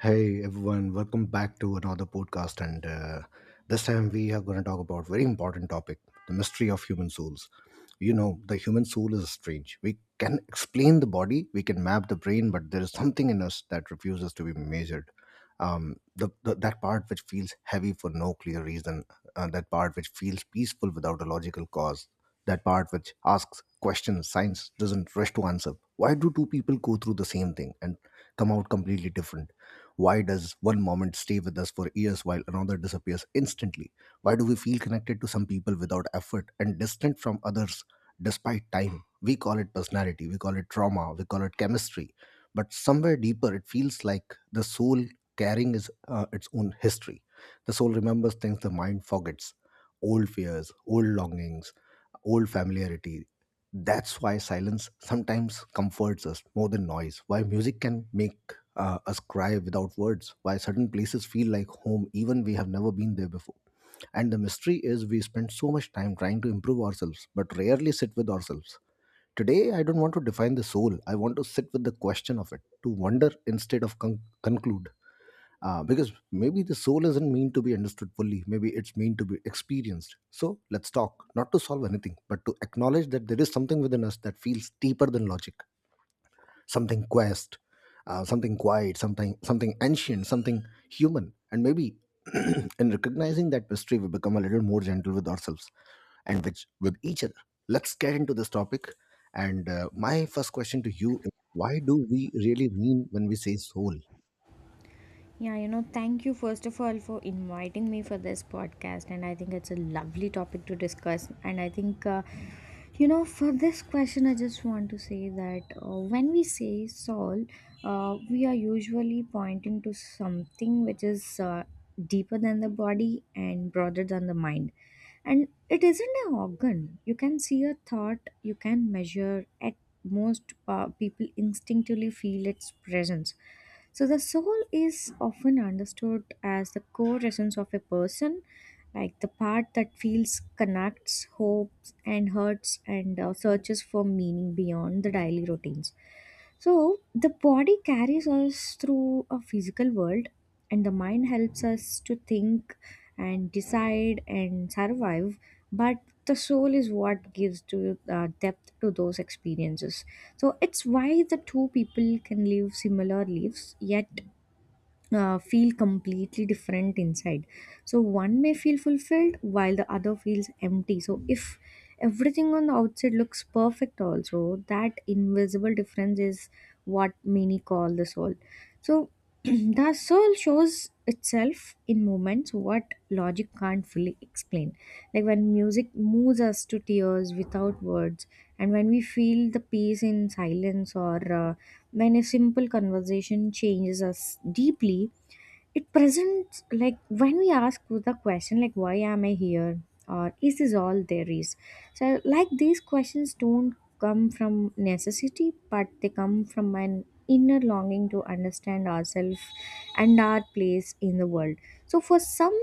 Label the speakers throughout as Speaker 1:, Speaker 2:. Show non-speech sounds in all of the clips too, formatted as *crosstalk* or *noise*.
Speaker 1: Hey everyone, welcome back to another podcast, and this time we are going to talk about very important topic: the mystery of human souls. You know, the human soul is strange. We can explain the body, we can map the brain, but there is something in us that refuses to be measured. The that part which feels heavy for no clear reason, that part which feels peaceful without a logical cause, that part which asks questions science doesn't rush to answer. Why do two people go through the same thing and come out completely different? Why does one moment stay with us for years while another disappears instantly? Why do we feel connected to some people without effort and distant from others despite time? We call it personality, we call it trauma, we call it chemistry. But somewhere deeper, it feels like the soul carrying is, its own history. The soul remembers things the mind forgets, old fears, old longings, old familiarity. That's why silence sometimes comforts us more than noise. Why music can make us cry without words. Why certain places feel like home even we have never been there before. And the mystery is we spend so much time trying to improve ourselves, but rarely sit with ourselves. Today, I don't want to define the soul. I want to sit with the question of it, to wonder instead of conclude, because maybe the soul isn't meant to be understood fully, maybe it's meant to be experienced. So let's talk not to solve anything, but to acknowledge that there is something within us that feels deeper than logic, something quest something quiet, something ancient, something human. And maybe *clears throat* in recognizing that mystery, we become a little more gentle with ourselves and which with each other. Let's get into this topic, and my first question to you is, why do we really mean when we say soul?
Speaker 2: Yeah, you know, thank you first of all for inviting me for this podcast, and I think it's a lovely topic to discuss. And I think, for this question, I just want to say that when we say soul, we are usually pointing to something which is deeper than the body and broader than the mind. And it isn't an organ. You can see a thought, you can measure. At most, people instinctively feel its presence. So the soul is often understood as the core essence of a person, like the part that feels, connects, hopes, and hurts, and searches for meaning beyond the daily routines. So the body carries us through a physical world, and the mind helps us to think and decide and survive. But the soul is what gives to depth to those experiences. So it's why the two people can live similar lives, yet feel completely different inside. So one may feel fulfilled while the other feels empty. So if everything on the outside looks perfect also, that invisible difference is what many call the soul. So *clears throat* the soul shows itself in moments what logic can't fully explain, like when music moves us to tears without words, and when we feel the peace in silence, or when a simple conversation changes us deeply. It presents like when we ask the question, like why am I here, or is this all there is? So like these questions don't come from necessity, but they come from an inner longing to understand ourselves and our place in the world. So for some,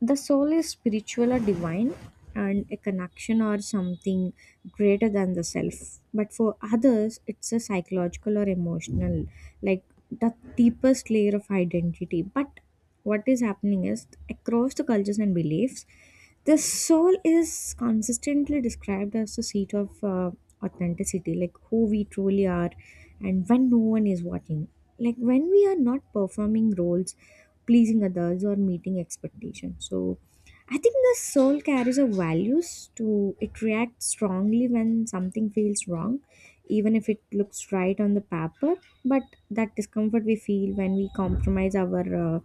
Speaker 2: the soul is spiritual or divine, and a connection or something greater than the self, but for others it's a psychological or emotional, like the deepest layer of identity. But what is happening is across the cultures and beliefs, the soul is consistently described as the seat of authenticity, like who we truly are and when no one is watching, like when we are not performing roles, pleasing others, or meeting expectations. So I think the soul carries a values to it, reacts strongly when something feels wrong, even if it looks right on the paper. But that discomfort we feel when we compromise our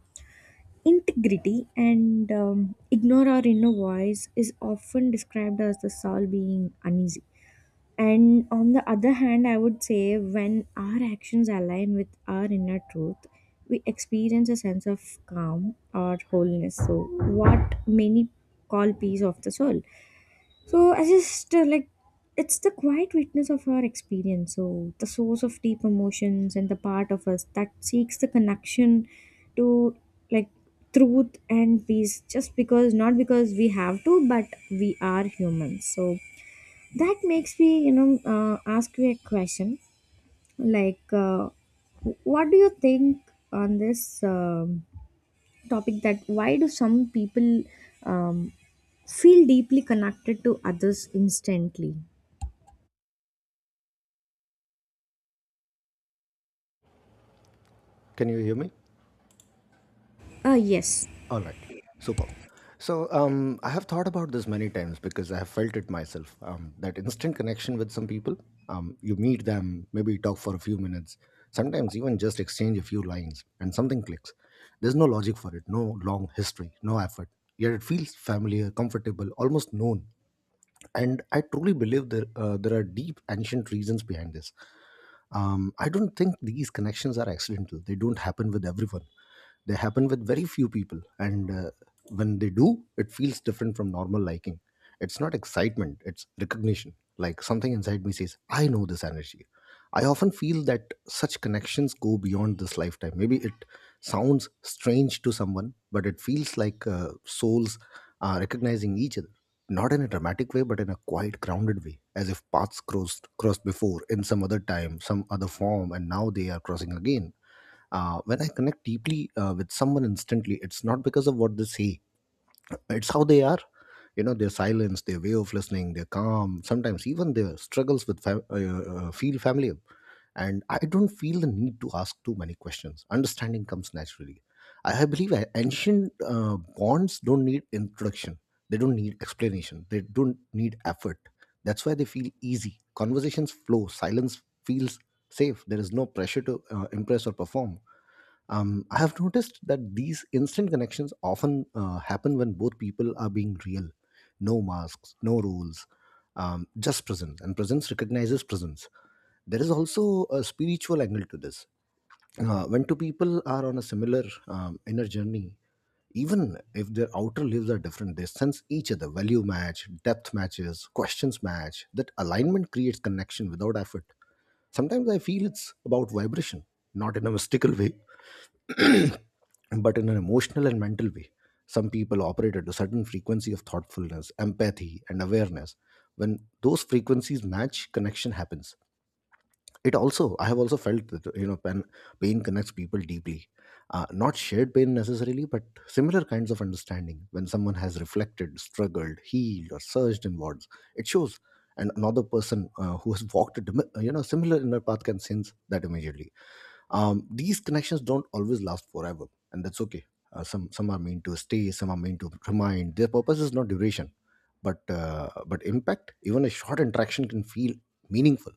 Speaker 2: integrity and ignore our inner voice is often described as the soul being uneasy. And on the other hand, I would say when our actions align with our inner truth, we experience a sense of calm or wholeness. So, what many call peace of the soul. So I just like, it's the quiet witness of our experience. So the source of deep emotions and the part of us that seeks the connection to, like, truth and peace, just because, not because we have to, but we are humans. So that makes me, you know, ask you a question, like, what do you think on this topic, that why do some people um, feel deeply connected to others instantly?
Speaker 1: Can you hear me?
Speaker 2: Yes.
Speaker 1: All right, superb. So I have thought about this many times because I have felt it myself. That instant connection with some people. You meet them, maybe talk for a few minutes, sometimes even just exchange a few lines, and something clicks. There's no logic for it, no long history, no effort. Yet it feels familiar, comfortable, almost known. And I truly believe that there are deep ancient reasons behind this. I don't think these connections are accidental. They don't happen with everyone. They happen with very few people, and when they do, it feels different from normal liking. It's not excitement, it's recognition. Like something inside me says, I know this energy. I often feel that such connections go beyond this lifetime. Maybe it sounds strange to someone, but it feels like souls are recognizing each other, not in a dramatic way, but in a quiet, grounded way, as if paths crossed before in some other time, some other form, and now they are crossing again. When I connect deeply with someone instantly, it's not because of what they say, it's how they are. You know, their silence, their way of listening, their calm, sometimes even their struggles with feel familiar. And I don't feel the need to ask too many questions. Understanding comes naturally. I believe ancient bonds don't need introduction. They don't need explanation, they don't need effort. That's why they feel easy. Conversations flow, silence feels safe. There is no pressure to impress or perform. I have noticed that these instant connections often happen when both people are being real. No masks, no rules, just presence. And presence recognizes presence. There is also a spiritual angle to this. When two people are on a similar inner journey, even if their outer lives are different, they sense each other. Value match, depth matches, questions match. That alignment creates connection without effort. Sometimes I feel it's about vibration, not in a mystical way, *clears throat* but in an emotional and mental way. Some people operate at a certain frequency of thoughtfulness, empathy, and awareness. When those frequencies match, connection happens. It also, I have also felt that, you know, pain, pain connects people deeply. Not shared pain necessarily, but similar kinds of understanding. When someone has reflected, struggled, healed, or surged inwards, it shows. And another person who has walked a you know, similar inner path can sense that immediately. These connections don't always last forever, and that's okay. Some are meant to stay, some are meant to remind. Their purpose is not duration, but impact. Even a short interaction can feel meaningful.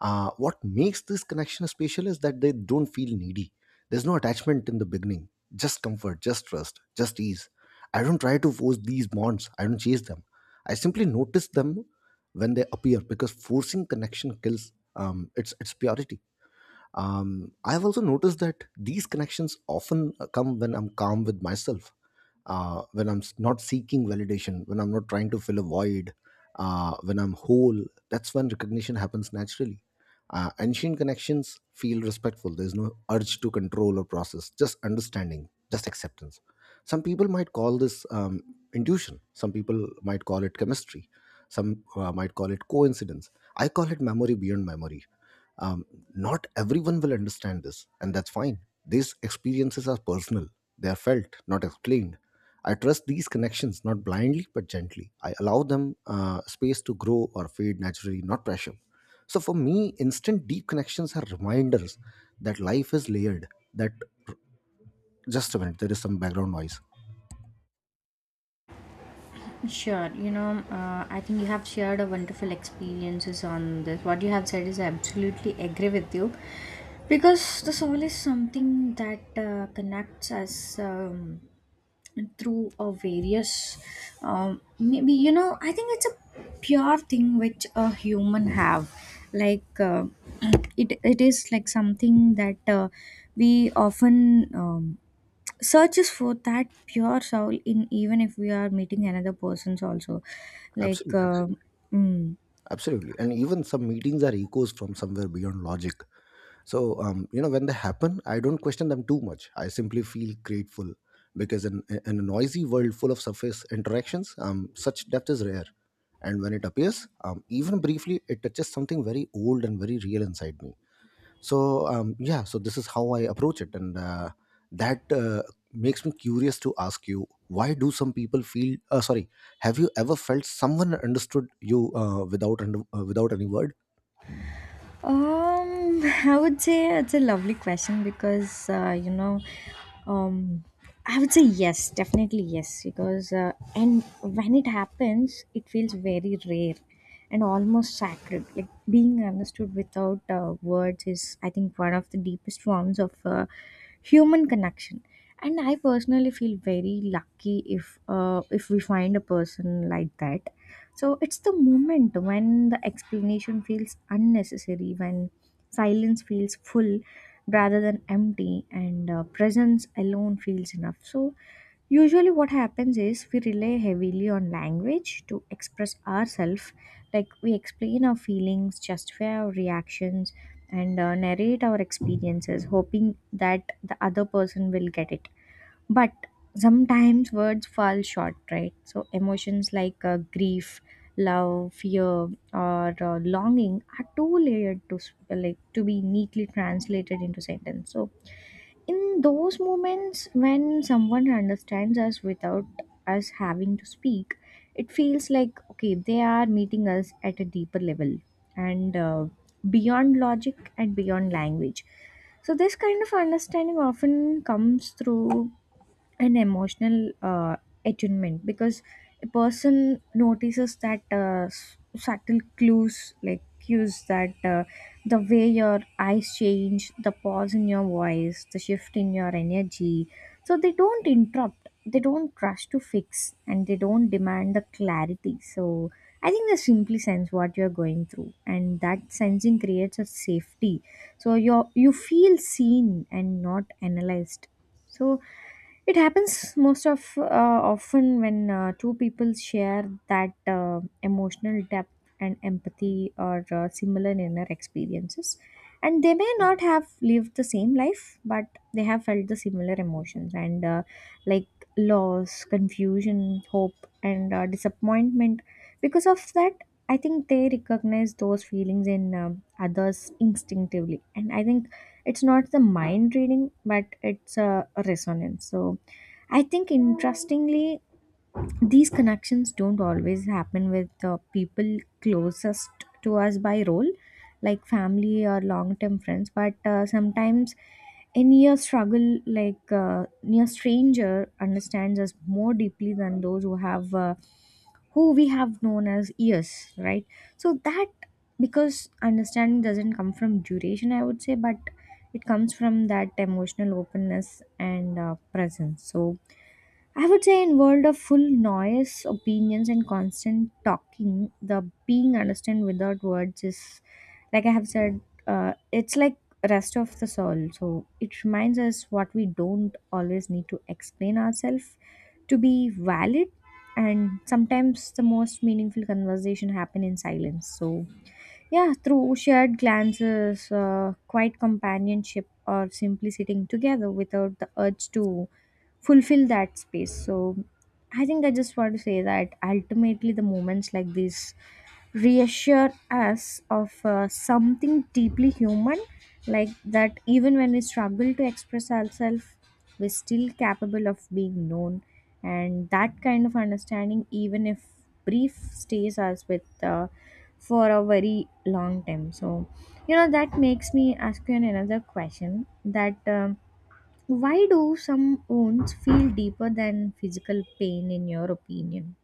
Speaker 1: What makes this connection special is that they don't feel needy. There's no attachment in the beginning, just comfort, just trust, just ease. I don't try to force these bonds, I don't chase them. I simply notice them when they appear, because forcing connection kills its purity. I've also noticed that these connections often come when I'm calm with myself, when I'm not seeking validation, when I'm not trying to fill a void, when I'm whole. That's when recognition happens naturally. Ancient connections feel respectful. There's no urge to control or process, just understanding, just acceptance. Some people might call this intuition, some people might call it chemistry, some might call it coincidence. I call it memory beyond memory. Um, not everyone will understand this, and that's fine. These experiences are personal. They are felt, not explained. I trust these connections, not blindly but gently. I allow them space to grow or fade naturally, not pressure. So for me, instant deep connections are reminders that life is layered, that, just a minute, there is some background noise.
Speaker 2: Sure, you know, I think you have shared a wonderful experiences on this. What you have said is I absolutely agree with you, because the soul is something that connects us. Through a various maybe, you know, I think it's a pure thing which a human have, like *clears throat* it is like something that we often um, searches for that pure soul in, even if we are meeting another persons also, like,
Speaker 1: Absolutely.
Speaker 2: mm.
Speaker 1: Absolutely. And even some meetings are echoes from somewhere beyond logic. So you know, when they happen, I don't question them too much, I simply feel grateful, because in a noisy world full of surface interactions, such depth is rare. And when it appears, even briefly, it touches something very old and very real inside me. So yeah, so this is how I approach it, and that makes me curious to ask you, why do some people feel sorry, have you ever felt someone understood you without without any word?
Speaker 2: *laughs* I would say it's a lovely question because, um, I would say yes, definitely yes, because, and when it happens, it feels very rare and almost sacred. Like, being understood without words is, I think, one of the deepest forms of human connection. And I personally feel very lucky if, if we find a person like that. So it's the moment when the explanation feels unnecessary, when silence feels full rather than empty, and presence alone feels enough. So usually, what happens is we rely heavily on language to express ourselves, like we explain our feelings, justify our reactions, and narrate our experiences, hoping that the other person will get it. But sometimes words fall short, right? So emotions like grief, love, fear, or longing are too layered to like, to be neatly translated into sentence. So in those moments when someone understands us without us having to speak, it feels like, okay, they are meeting us at a deeper level and beyond logic and beyond language. So this kind of understanding often comes through an emotional attunement, because a person notices that, subtle clues, like cues, that the way your eyes change, the pause in your voice, the shift in your energy. So they don't interrupt, they don't rush to fix, and they don't demand the clarity. So I think they simply sense what you're going through, and that sensing creates a safety. So you, feel seen and not analyzed. So it happens most of, often when two people share that emotional depth and empathy, or similar inner experiences, and they may not have lived the same life, but they have felt the similar emotions and, like, loss, confusion, hope, and disappointment. Because of that, I think they recognize those feelings in others instinctively, and I think it's not the mind reading, but it's a resonance. So I think, interestingly, these connections don't always happen with the people closest to us by role, like family or long term friends, but sometimes a near struggle, like near stranger understands us more deeply than those who have who we have known as years, right? So that, because understanding doesn't come from duration, I would say, but it comes from that emotional openness and presence. So I would say in world of full noise, opinions, and constant talking, the being understood without words is, like I have said, it's like rest of the soul. So it reminds us what we don't always need to explain ourselves to be valid, and sometimes the most meaningful conversation happen in silence. So, yeah, through shared glances, quiet companionship, or simply sitting together without the urge to fulfill that space. So I think I just want to say that ultimately the moments like this reassure us of something deeply human, like that even when we struggle to express ourselves, we're still capable of being known. And that kind of understanding, even if brief, stays us with, for a very long time. So, you know, that makes me ask you another question, that. Why do some wounds feel deeper than physical pain, in your opinion?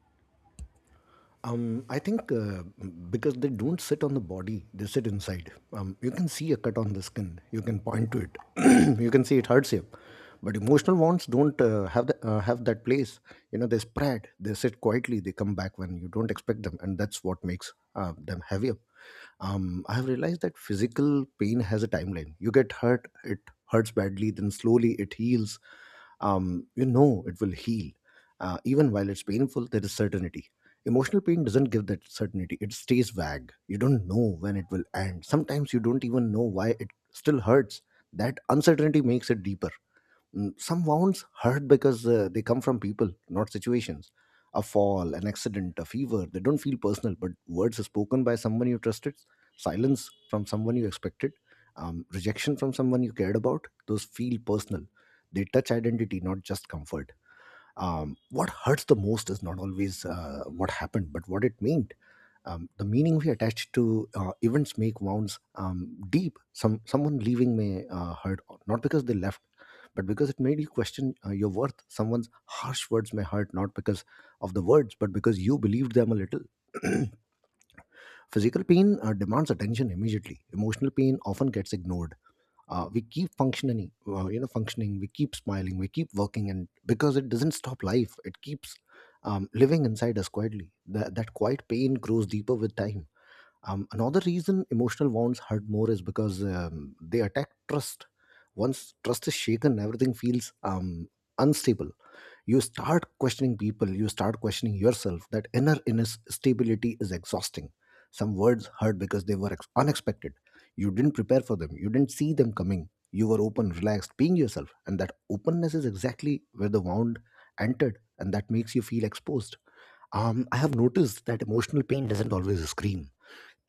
Speaker 1: I think because they don't sit on the body, they sit inside. You can see a cut on the skin, you can point to it, *clears throat* you can see it hurts you. But emotional wounds don't have that place. You know, they spread, they sit quietly, they come back when you don't expect them, and that's what makes them heavier. I have realized that physical pain has a timeline. You get hurt, it hurts badly, then slowly it heals. You know it will heal. Even while it's painful, there is certainty. Emotional pain doesn't give that certainty, it stays vague. You don't know when it will end. Sometimes you don't even know why it still hurts. That uncertainty makes it deeper. Mm. Some wounds hurt because they come from people, not situations. A fall, an accident, a fever, they don't feel personal, but words spoken by someone you trusted, silence from someone you expected, rejection from someone you cared about, those feel personal. They touch identity, not just comfort. What hurts the most is not always what happened, but what it meant. The meaning we attach to events make wounds deep. Some someone leaving may hurt, not because they left, but because it made you question your worth. Someone's harsh words may hurt, not because of the words, but because you believed them a little. *clears throat* Physical pain demands attention immediately. Emotional pain often gets ignored. We keep functioning, we keep smiling, we keep working, and because it doesn't stop life, it keeps living inside us quietly. That quiet pain grows deeper with time. Another reason emotional wounds hurt more is because they attack trust. Once trust is shaken, everything feels unstable. You start questioning people, you start questioning yourself. That inner instability is exhausting. Some words hurt because they were unexpected. You didn't prepare for them, you didn't see them coming. You were open, relaxed, being yourself, and that openness is exactly where the wound entered, and that makes you feel exposed. I have noticed that emotional pain doesn't always scream.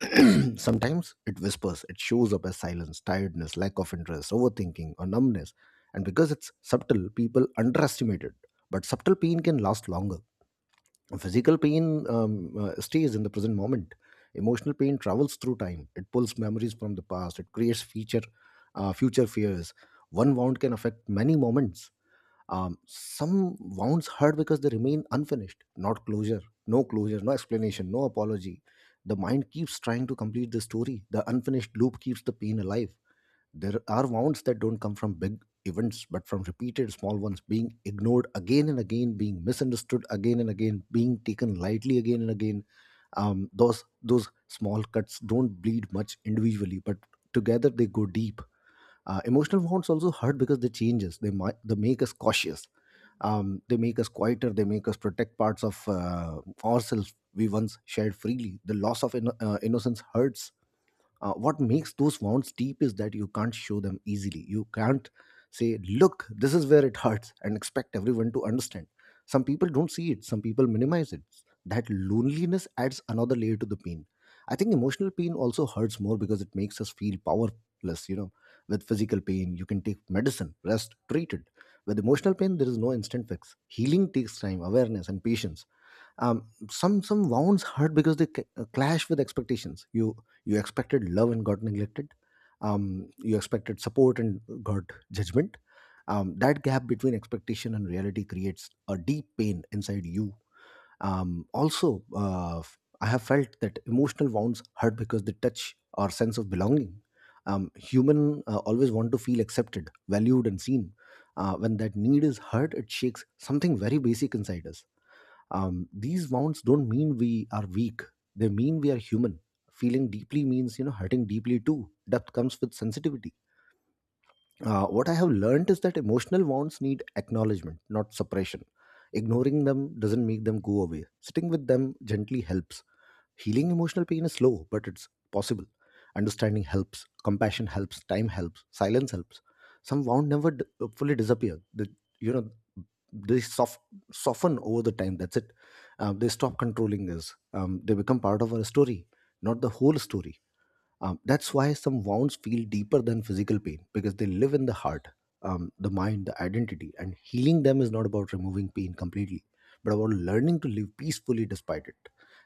Speaker 1: *clears throat* Sometimes it whispers, it shows up as silence, tiredness, lack of interest, overthinking, or numbness. And because it's subtle, people underestimate it. But subtle pain can last longer. Physical pain stays in the present moment. Emotional pain travels through time. It pulls memories from the past. It creates future fears. One wound can affect many moments. Some wounds hurt because they remain unfinished, not closure, no closure, no explanation, no apology. The mind keeps trying to complete the story. The unfinished loop keeps the pain alive. There are wounds that don't come from big events, but from repeated small ones being ignored again and again, being misunderstood again and again, being taken lightly again and again. Those small cuts don't bleed much individually, but together they go deep. Emotional wants also hurt because they change us. They make us cautious. They make us quieter. They make us protect parts of ourselves we once shared freely. The loss of innocence hurts. What makes those wounds deep is that you can't show them easily. You can't say, look, this is where it *laughs* hurts, and expect everyone to understand. Some people don't see it, some people minimize it. That loneliness adds another layer to the pain. I think emotional pain also hurts more because it makes us feel powerless, you know. With physical pain, you can take medicine, rest, treat it. With emotional pain, there is no instant fix. Healing takes time, awareness, and patience. Some wounds hurt because they clash with expectations. You expected love and got neglected. Um, you expected support and got judgment. Um, that gap between expectation and reality creates a deep pain inside you. Also I have felt that emotional wounds hurt because they touch our sense of belonging. Um, human always want to feel accepted, valued, and seen. Uh, when that need is hurt, it shakes something very basic inside us. Um, these wounds don't mean we are weak. They mean we are human. Feeling deeply means, you know, hurting deeply too. Depth comes with sensitivity. Uh, what I have learned is that emotional wounds need acknowledgement, not suppression. Ignoring them doesn't make them go away. Sitting with them gently helps. Healing emotional pain is slow, but it's possible. Understanding helps, compassion helps, time helps, silence helps. Some wound never fully disappear. You know, they soften over the time. That's it. They stop controlling us. They become part of our story, not the whole story. Um, that's why some wounds feel deeper than physical pain, because they live in the heart, the mind, the identity. And healing them is not about removing pain completely, but about learning to live peacefully despite it.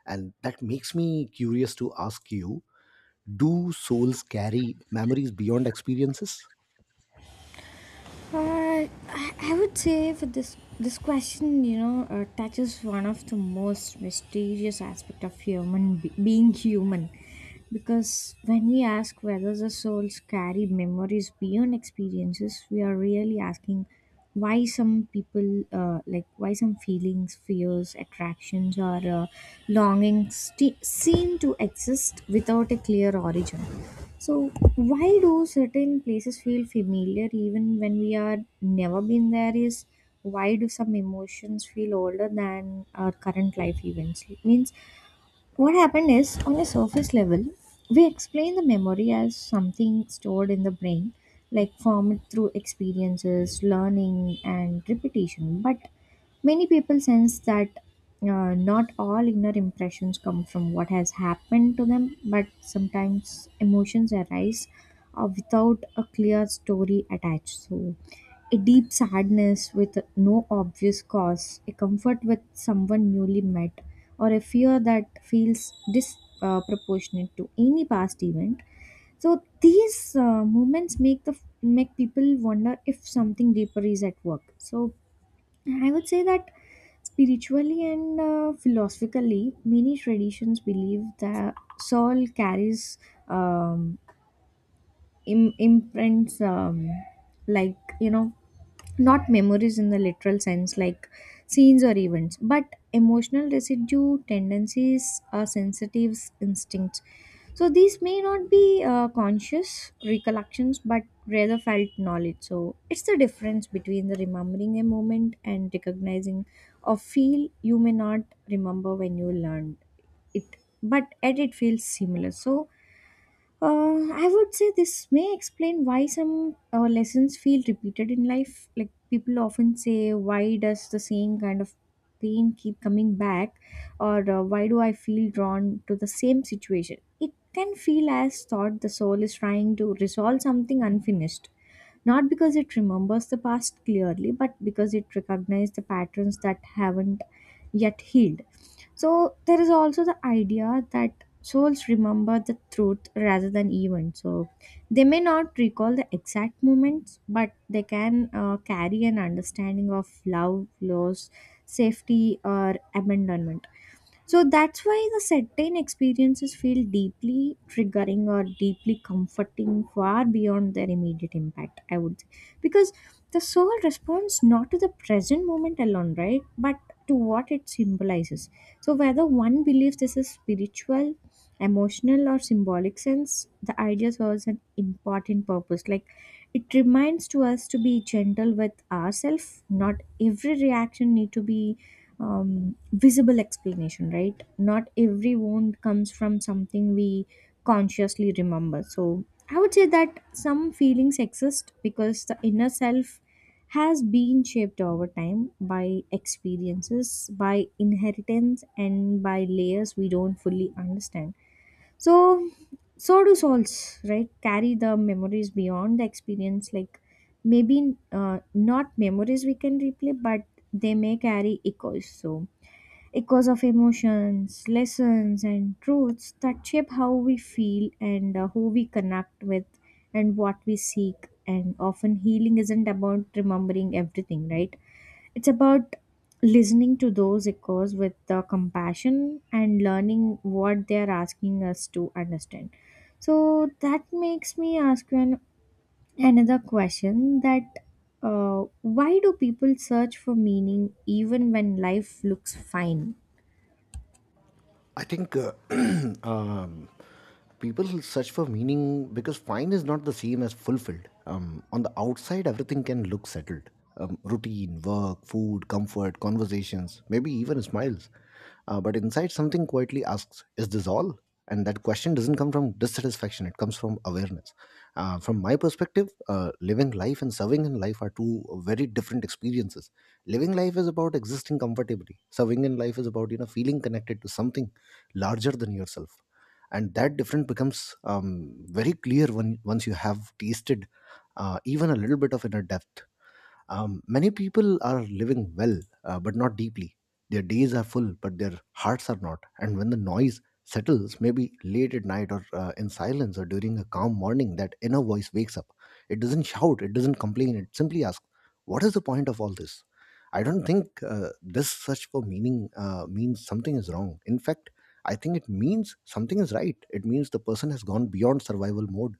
Speaker 1: And that makes me curious to ask you, do souls carry memories beyond experiences?
Speaker 2: I would say for this question, you know, touches one of the most mysterious aspect of human being human, because when we ask whether the souls carry memories beyond experiences, we are really asking why some people, like why some feelings, fears, attractions, or longings seem to exist without a clear origin. So, why do certain places feel familiar even when we are never been there? Is why do some emotions feel older than our current life events? It means what happened is, on a surface level, we explain the memory as something stored in the brain, like formed through experiences, learning, and repetition. But many people sense that not all inner impressions come from what has happened to them, but sometimes emotions arise without a clear story attached. So, a deep sadness with no obvious cause, a comfort with someone newly met, or a fear that feels disproportionate to any past event. So these moments make the make people wonder if something deeper is at work. So I would say that spiritually and philosophically, many traditions believe that soul carries um, imprints, like, you know, not memories in the literal sense, like scenes or events, but emotional residue, tendencies are sensitive instincts. So these may not be conscious recollections, but rather felt knowledge. So it's the difference between the remembering a moment and recognizing a feel. You may not remember when you learned it, but yet it feels similar. So, uh, I would say this may explain why some lessons feel repeated in life. Like people often say, why does the same kind of pain keep coming back? Or why do I feel drawn to the same situation? It can feel as thought the soul is trying to resolve something unfinished. Not because it remembers the past clearly, but because it recognizes the patterns that haven't yet healed. So there is also the idea that souls remember the truth rather than events. So they may not recall the exact moments, but they can carry an understanding of love, loss, safety, or abandonment. So that's why the certain experiences feel deeply triggering or deeply comforting, far beyond their immediate impact, I would say. Because the soul responds not to the present moment alone, right? But to what it symbolizes. So whether one believes this is spiritual, emotional, or symbolic sense, the idea serves an important purpose. Like, it reminds to us to be gentle with ourselves. Not every reaction need to be visible explanation, right? Not every wound comes from something we consciously remember. So I would say that some feelings exist because the inner self has been shaped over time by experiences, by inheritance, and by layers we don't fully understand. So, so do souls, right? Carry the memories beyond the experience, like, maybe not memories we can replay, but they may carry echoes. So, echoes of emotions, lessons, and truths that shape how we feel and who we connect with and what we seek. And often, healing isn't about remembering everything, right? It's about listening to those echoes with compassion and learning what they are asking us to understand. So, that makes me ask you an, another question that why do people search for meaning even when life looks fine?
Speaker 1: I think *clears throat* um, people search for meaning because fine is not the same as fulfilled. On the outside, everything can look settled, routine, work, food, comfort, conversations, maybe even smiles. But inside, something quietly asks, is this all? And that question doesn't come from dissatisfaction, it comes from awareness. From my perspective, living life and serving in life are two very different experiences. Living life is about existing comfortably. Serving in life is about, you know, feeling connected to something larger than yourself, and that difference becomes, very clear when once you have tasted even a little bit of inner depth. Um, many people are living well, but not deeply. Their days are full, but their hearts are not. And when the noise settles, maybe late at night or in silence or during a calm morning, that inner voice wakes up. It doesn't shout, it doesn't complain, it simply asks, what is the point of all this? I don't think this search for meaning means something is wrong. In fact, I think it means something is right. It means the person has gone beyond survival mode.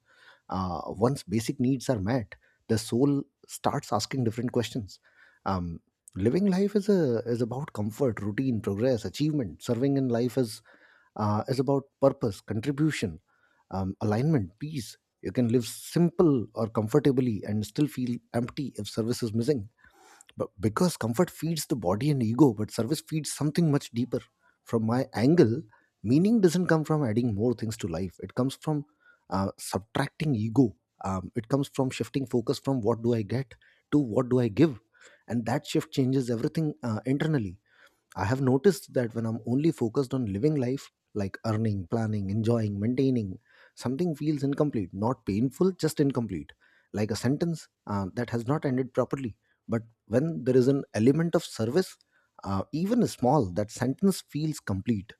Speaker 1: Uh, once basic needs are met, the soul starts asking different questions. Um, living life is about comfort, routine, progress, achievement. Serving in life is about purpose, contribution, alignment, peace. You can live simple or comfortably and still feel empty if service is missing, but because comfort feeds the body and ego, but service feeds something much deeper. From my angle, meaning doesn't come from adding more things to life. It comes from subtracting ego. Um, it comes from shifting focus from, what do I get, to, what do I give. And that shift changes everything internally. I have noticed that when I'm only focused on living life, like earning, planning, enjoying, maintaining, something feels incomplete, not painful, just incomplete. Like a sentence that has not ended properly. But when there is an element of service, even small, that sentence feels complete.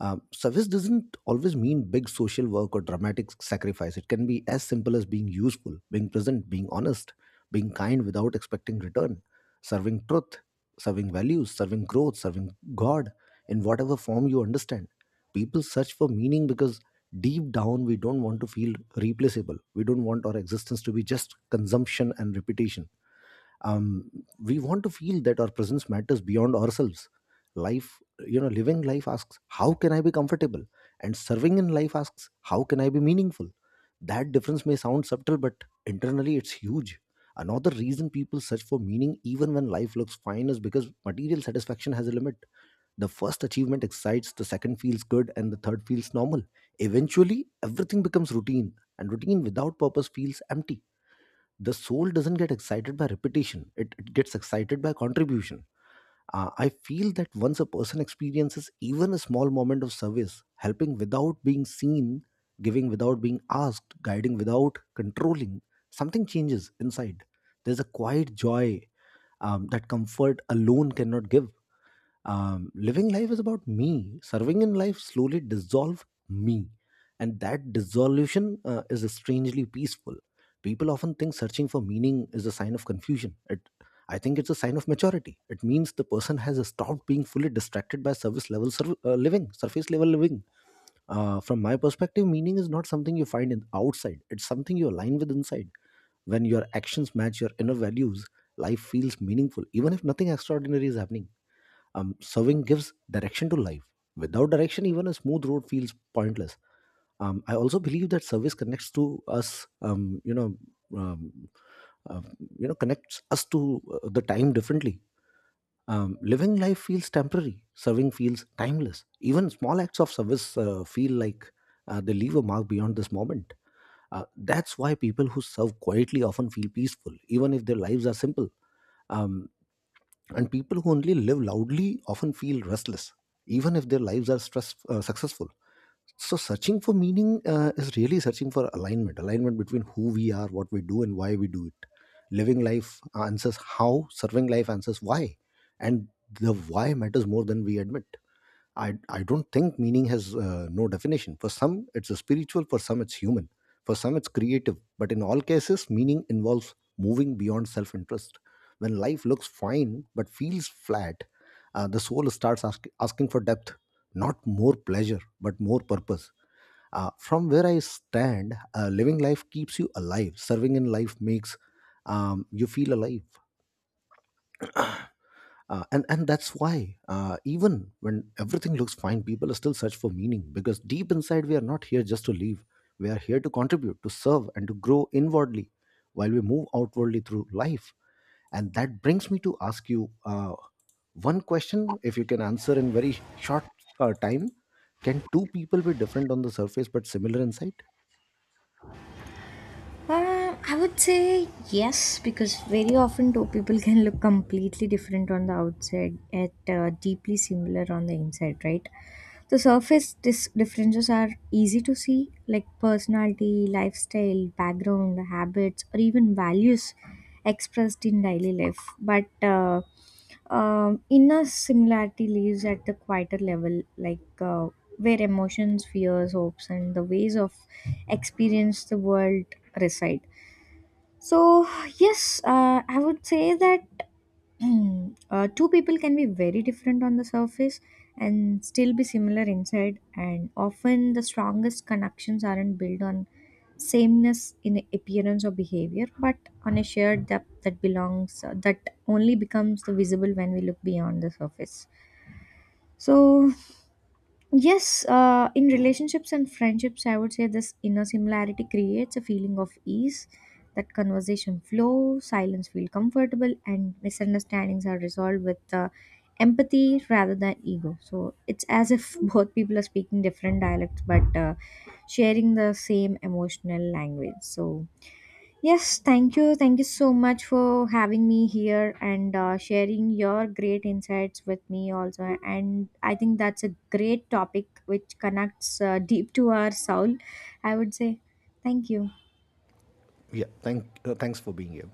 Speaker 1: Uh, service doesn't always mean big social work or dramatic sacrifice. It can be as simple as being useful, being present, being honest, being kind without expecting return, serving truth, serving values, serving growth, serving God in whatever form you understand. People search for meaning because deep down we don't want to feel replaceable. We don't want our existence to be just consumption and repetition. Um, we want to feel that our presence matters beyond ourselves. Life, you know, living life asks, how can I be comfortable, and serving in life asks, how can I be meaningful. That difference may sound subtle, but internally it's huge. Another reason people search for meaning even when life looks fine is because material satisfaction has a limit. The first achievement excites, the second feels good, and the third feels normal. Eventually everything becomes routine, and routine without purpose feels empty. The soul doesn't get excited by repetition. It gets excited by contribution. Uh, I feel that once a person experiences even a small moment of service, helping without being seen, giving without being asked, guiding without controlling, something changes inside. There's a quiet joy, that comfort alone cannot give. Um, living life is about me. Serving in life slowly dissolve me, and that dissolution is strangely peaceful. People often think searching for meaning is a sign of confusion. I think it's a sign of maturity. It means the person has stopped being fully distracted by living surface level living. Uh, from my perspective, meaning is not something you find in outside, it's something you align with inside. When your actions match your inner values, life feels meaningful even if nothing extraordinary is happening. Um, serving gives direction to life. Without direction, even a smooth road feels pointless. I also believe that service connects to us. Um, uh, connects us to the time differently. Living life feels temporary. Serving feels timeless. Even small acts of service feel like they leave a mark beyond this moment. That's why people who serve quietly often feel peaceful, even if their lives are simple. Um, and people who only live loudly often feel restless, even if their lives are successful. So, searching for meaning is really searching for alignment, alignment between who we are, what we do, and why we do it. Living life answers how, serving life answers why. And the why matters more than we admit. I don't think meaning has no definition. For some, it's spiritual, for some, it's human, for some, it's creative. But in all cases, meaning involves moving beyond self interest. When life looks fine but feels flat, the soul starts asking for depth, not more pleasure, but more purpose. From where I stand, living life keeps you alive, serving in life makes you feel alive. And that's why even when everything looks fine, people still search for meaning, because deep inside we are not here just to live. We are here to contribute, to serve, and to grow inwardly while we move outwardly through life. And that brings me to ask you, one question, if you can answer in very short time, can two people be different on the surface but similar inside?
Speaker 2: I would say yes, because very often two people can look completely different on the outside, yet deeply similar on the inside, right? The surface differences are easy to see, like personality, lifestyle, background, habits, or even values expressed in daily life. But inner similarity lives at the quieter level, like, where emotions, fears, hopes, and the ways of experience the world reside. So, yes, I would say that *clears throat* two people can be very different on the surface and still be similar inside, and often the strongest connections aren't built on sameness in appearance or behavior, but on a shared depth that belongs that only becomes the visible when we look beyond the surface. So yes, in relationships and friendships, I would say this inner similarity creates a feeling of ease, that conversation flows, silence feel comfortable, and misunderstandings are resolved with empathy rather than ego. So it's as if *laughs* both people are speaking different dialects but sharing the same emotional language. So yes, thank you. Thank you so much for having me here and sharing your great insights with me also. And I think that's a great topic which connects deep to our soul, I would say. Thank you.
Speaker 1: Yeah, thanks for being here.